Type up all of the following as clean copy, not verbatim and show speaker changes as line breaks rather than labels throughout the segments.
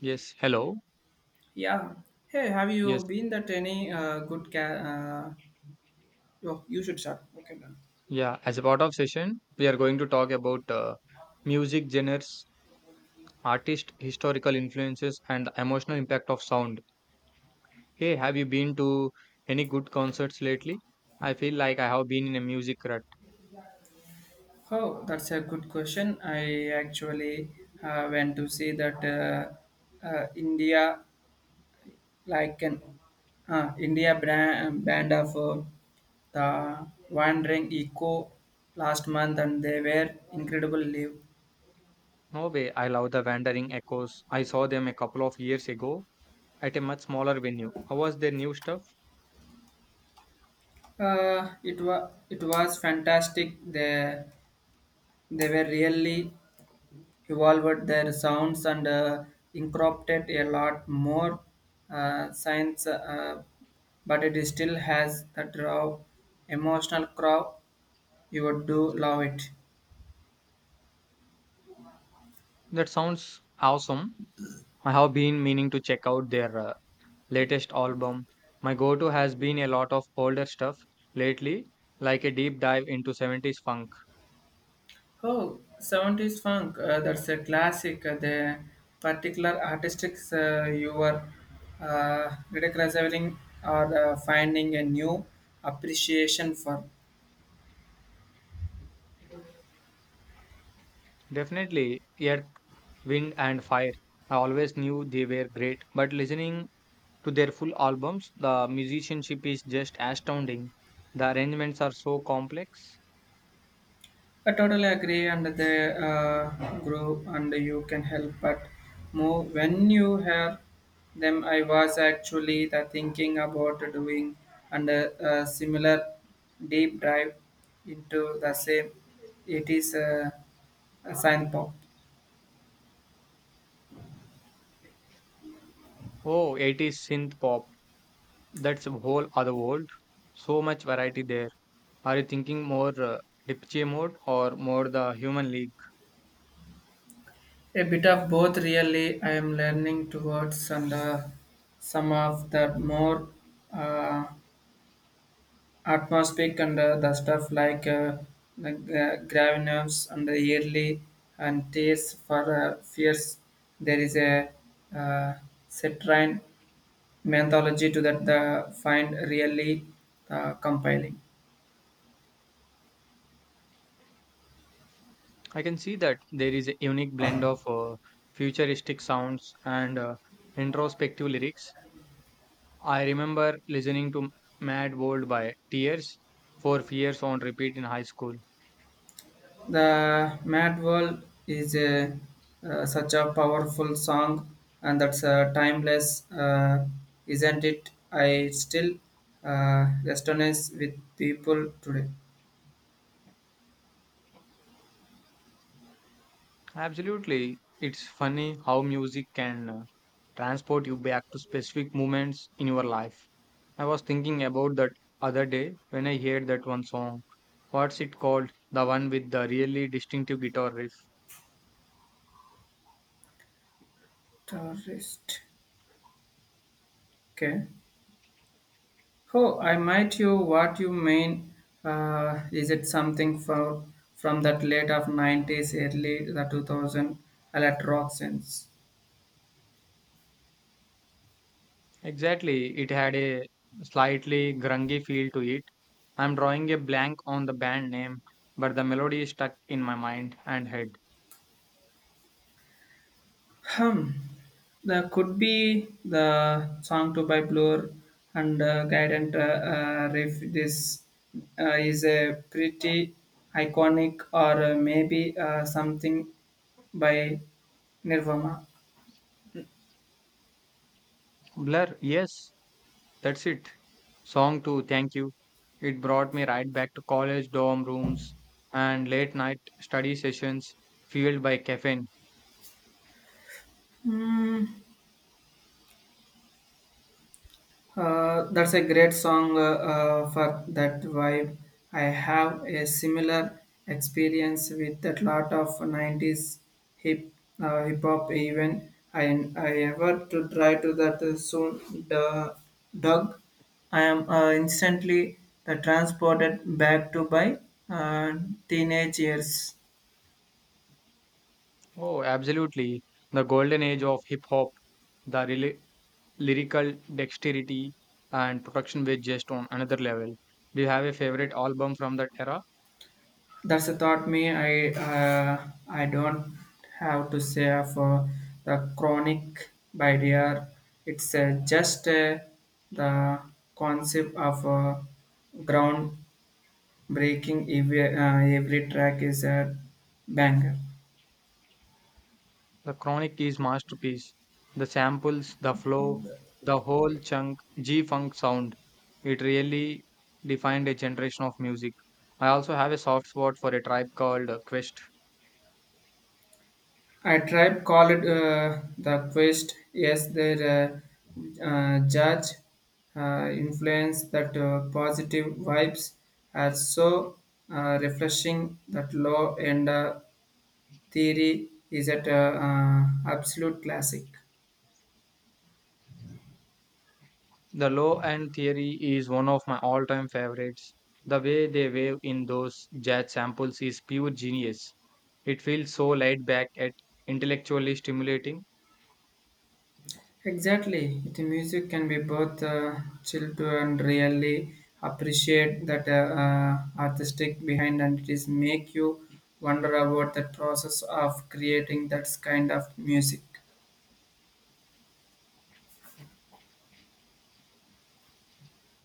Yes, hello.
Yeah. Hey, have you
Yes,
been that any oh, you should start. Okay, done.
yeah. As a part of session, we are going to talk about music genres, artist, historical influences, and the emotional impact of sound. Hey, have you been to any good concerts lately? I feel like I have been in a music rut.
Oh, that's a good question. I actually went to see that India, like an India brand, band of the Wandering Echo last month, and they were incredible live.
No way. I love the Wandering Echoes. I saw them a couple of years ago at a much smaller venue. How was their new stuff?
It was fantastic. They were really evolved their sounds and incorporated a lot more science, but it still has that raw emotional crowd. You would do love it.
That sounds awesome. I have been meaning to check out their latest album. My go to has been a lot of older stuff lately, like a deep dive into 70s funk.
Oh, 70s funk, that's a classic. The particular artistics you were rediscovering or finding a new appreciation for.
Definitely Earth, Wind, and Fire. I always knew they were great, but listening to their full albums, the musicianship is just astounding. The arrangements are so complex.
I totally agree, and they grow, and you can help but more when you have them. I was actually the thinking about doing and a similar deep dive into the same. It is a sign pop.
Oh, 80s synth pop. That's a whole other world. So much variety there. Are you thinking more Dipche mode or more the human league?
A bit of both, really. I am learning towards, and some of the more uh, atmospheric and the stuff like the gravinomes and the yearly and tears for fears. There is a uh, Cetrine mythology to that the find really compelling.
I can see that there is a unique blend of futuristic sounds and introspective lyrics. I remember listening to Mad World by Tears for years on repeat in high school.
The Mad World is such a powerful song and that's timeless, isn't it? I still resonate with people today.
Absolutely, it's funny how music can transport you back to specific moments in your life. I was thinking about that other day when I heard that one song. What's it called? The one with the really distinctive guitar riff.
Tourist. Okay. Oh, I might you what you mean. Is it something for, from that late of 90s, early the 2000 alert rock sense?
Exactly, it had a slightly grungy feel to it. I'm drawing a blank on the band name, but the melody is stuck in my mind and head.
Hmm. There could be the song to by Blur and Guidant Riff. This is a pretty iconic or maybe something by Nirvana.
Blur, yes, that's it. Song 2, thank you. It brought me right back to college dorm rooms and late night study sessions fueled by caffeine.
Hmm. That's a great song for that vibe. I have a similar experience with that lot of 90s hip hip hop even I ever to try to that soon the Doug. I am instantly transported back to my uh, teenage years.
Oh, absolutely. The golden age of hip hop, the lyrical dexterity and production were just on another level. Do you have a favorite album from that era?
That's the thought me. I don't have to say for the chronic by dear. It's just the concept of ground breaking. Every track is a banger.
The chronic is masterpiece. The samples, the flow, the whole chunk G funk sound. It really defined a generation of music. I also have a soft spot for a tribe called Quest.
A tribe called the Quest. Yes, their judge influence that positive vibes are so refreshing that law and theory is at absolute classic.
The low end theory is one of my all time favorites. The way they wave in those jazz samples is pure genius. It feels so laid back yet intellectually stimulating.
Exactly. The music can be both chill to and really appreciate that artistic behind and it is make you wonder about the process of creating that kind of music.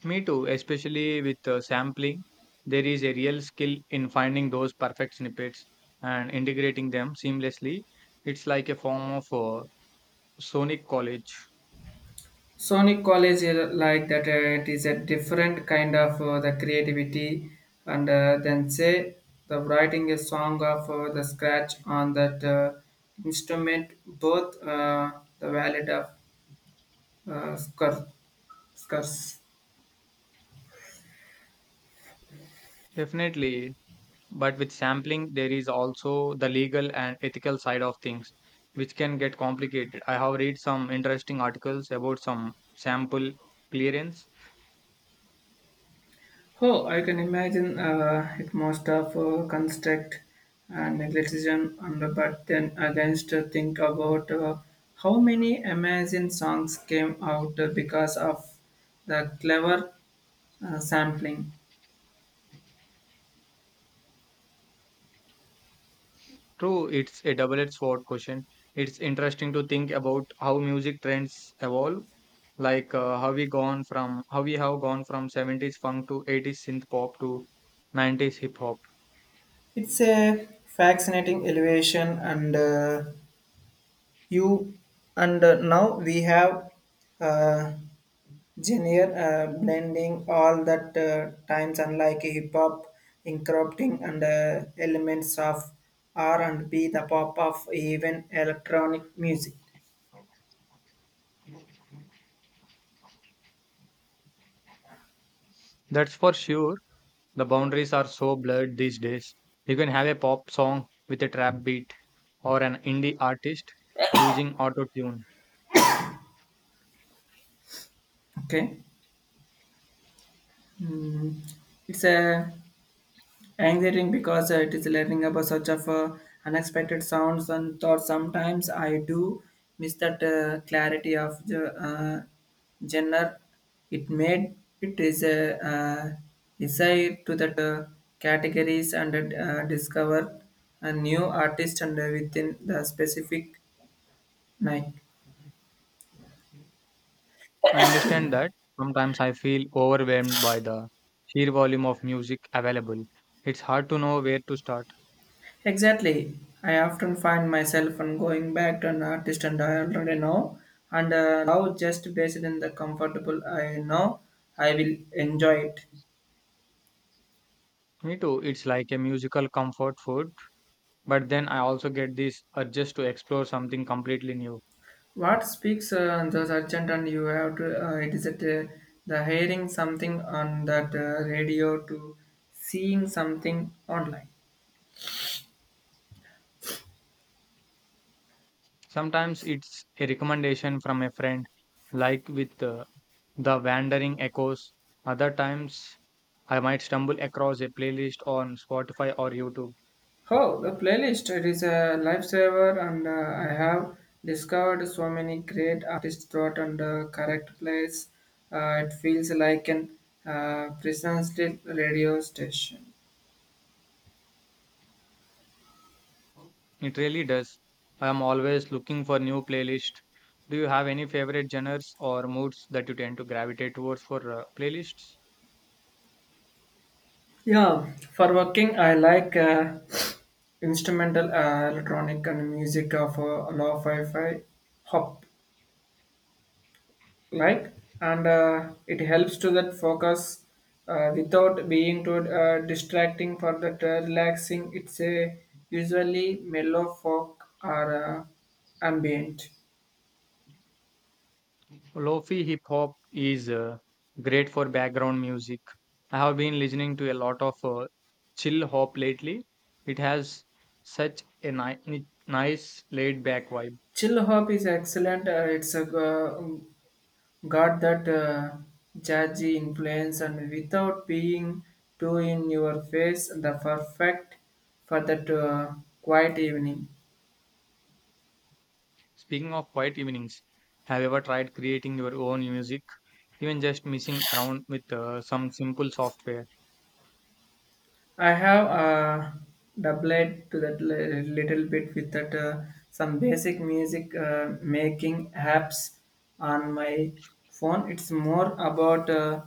Me too, especially with sampling. There is a real skill in finding those perfect snippets and integrating them seamlessly. It's like a form of sonic college.
Sonic College is like that it is a different kind of the creativity and then say the writing a song of the scratch on that instrument both the valid of scars.
Definitely. But with sampling, there is also the legal and ethical side of things, which can get complicated. I have read some interesting articles about some sample clearance.
Oh, I can imagine it must have construct and negligentism, and but then against think about how many amazing songs came out because of the clever sampling.
True, it's a double-edged sword question. It's interesting to think about how music trends evolve, like how we have gone from 70s funk to 80s synth pop to 90s hip hop.
It's a fascinating elevation, and you and now we have. Uh, Genial, blending all that times unlike hip hop, incorporating and elements of R and B, the pop of even electronic music.
That's for sure. The boundaries are so blurred these days. You can have a pop song with a trap beat or an indie artist using auto tune.
Okay, Mm, it's a Anxiety because it is learning about such of unexpected sounds and thoughts. Sometimes I do miss that clarity of the genre. It made it is a desire to that categories and discover a new artist and within the specific night.
I understand that. Sometimes I feel overwhelmed by the sheer volume of music available. It's hard to know where to start.
Exactly. I often find myself on going back to an artist and I already know and love just based in the comfortable I know I will enjoy it.
Me too. It's like a musical comfort food, but then I also get this urges to explore something completely new.
What speaks on those urgent and you have to it is at the hearing something on that radio to seeing something online.
Sometimes it's a recommendation from a friend, like with The Wandering Echoes. Other times, I might stumble across a playlist on Spotify or YouTube.
Oh, the playlist, it is a lifesaver, and I have discovered so many great artists throughout and correct place. It feels like an precisely radio station.
It really does. I am always looking for new playlists. Do you have any favorite genres or moods that you tend to gravitate towards for playlists?
Yeah, for working, I like instrumental electronic and music of lo-fi fi hop like and it helps to that focus without being too distracting for that relaxing it's a usually mellow folk or ambient
Lofi hip hop is great for background music. I have been listening to a lot of chill hop lately. It has such a nice laid back vibe.
chill hop is excellent it's a got that jazzy influence and without being too in your face the perfect for that quiet evening
Speaking of quiet evenings, have you ever tried creating your own music? Even just messing around with some simple software.
I have doubled to that little bit with that some basic music making apps on my phone. It's more about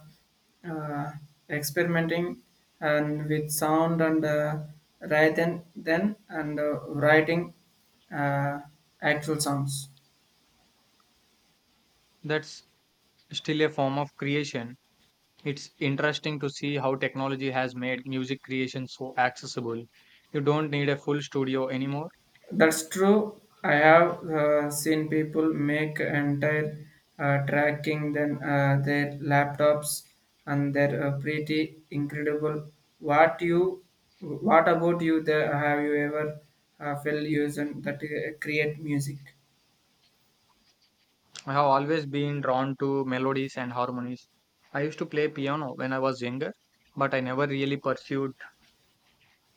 uh, experimenting and with sound and rather than and writing uh, actual songs.
That's still a form of creation. It's interesting to see how technology has made music creation so accessible. You don't need a full studio anymore.
That's true. I have seen people make entire tracking then their laptops and they're pretty incredible. What you, what about you? There, have you ever felt using that create music?
I have always been drawn to melodies and harmonies. I used to play piano when I was younger, but I never really pursued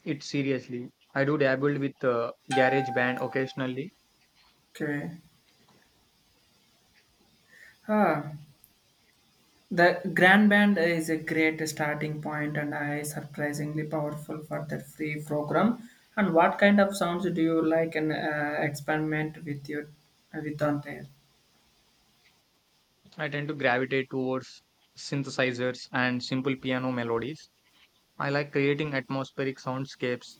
it seriously. I do dabble with garage band occasionally.
Okay. Huh. The grand band is a great starting point and I surprisingly powerful for that free program. And what kind of sounds do you like and experiment with your with on there?
I tend to gravitate towards synthesizers and simple piano melodies. I like creating atmospheric soundscapes,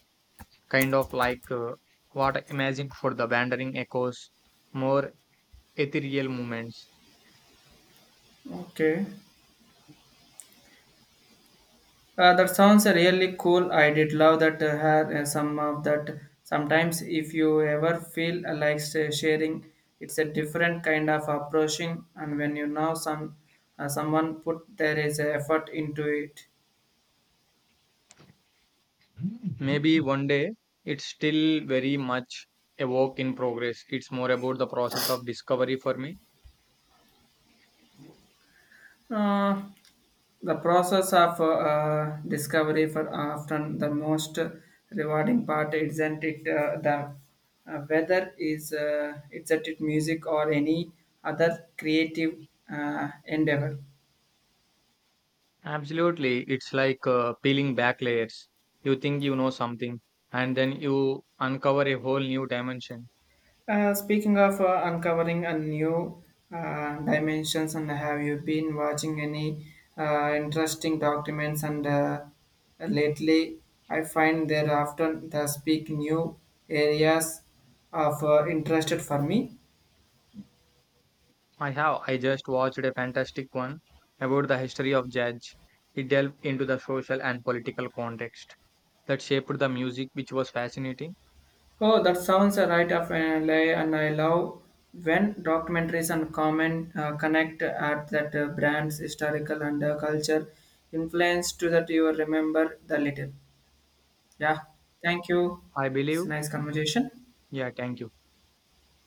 kind of like what I imagined for the wandering echoes, more ethereal moments.
Okay, that sounds really cool. I did love that have some of that. Sometimes, if you ever feel sharing, it's a different kind of approaching. And when you know some someone put there is effort into it.
Maybe one day it's still very much a work in progress. It's more about the process of discovery for me.
Uh, the process of discovery for often the most rewarding part isn't it the whether is it's at it music or any other creative endeavor.
Absolutely. It's like peeling back layers. You think you know something and then you uncover a whole new dimension.
Speaking of uncovering a new dimensions, and have you been watching any interesting documents? And lately, I find they're often they speak new areas of interest for me.
I have. I just watched a fantastic one about the history of jazz. It delved into the social and political context that shaped the music, which was fascinating.
Oh, that sounds right up my alley, and I love when documentaries and comment connect at that brand's historical and culture influence to that you remember the little. Yeah, thank you.
I
It's
believe.
a nice conversation.
Yeah, thank you.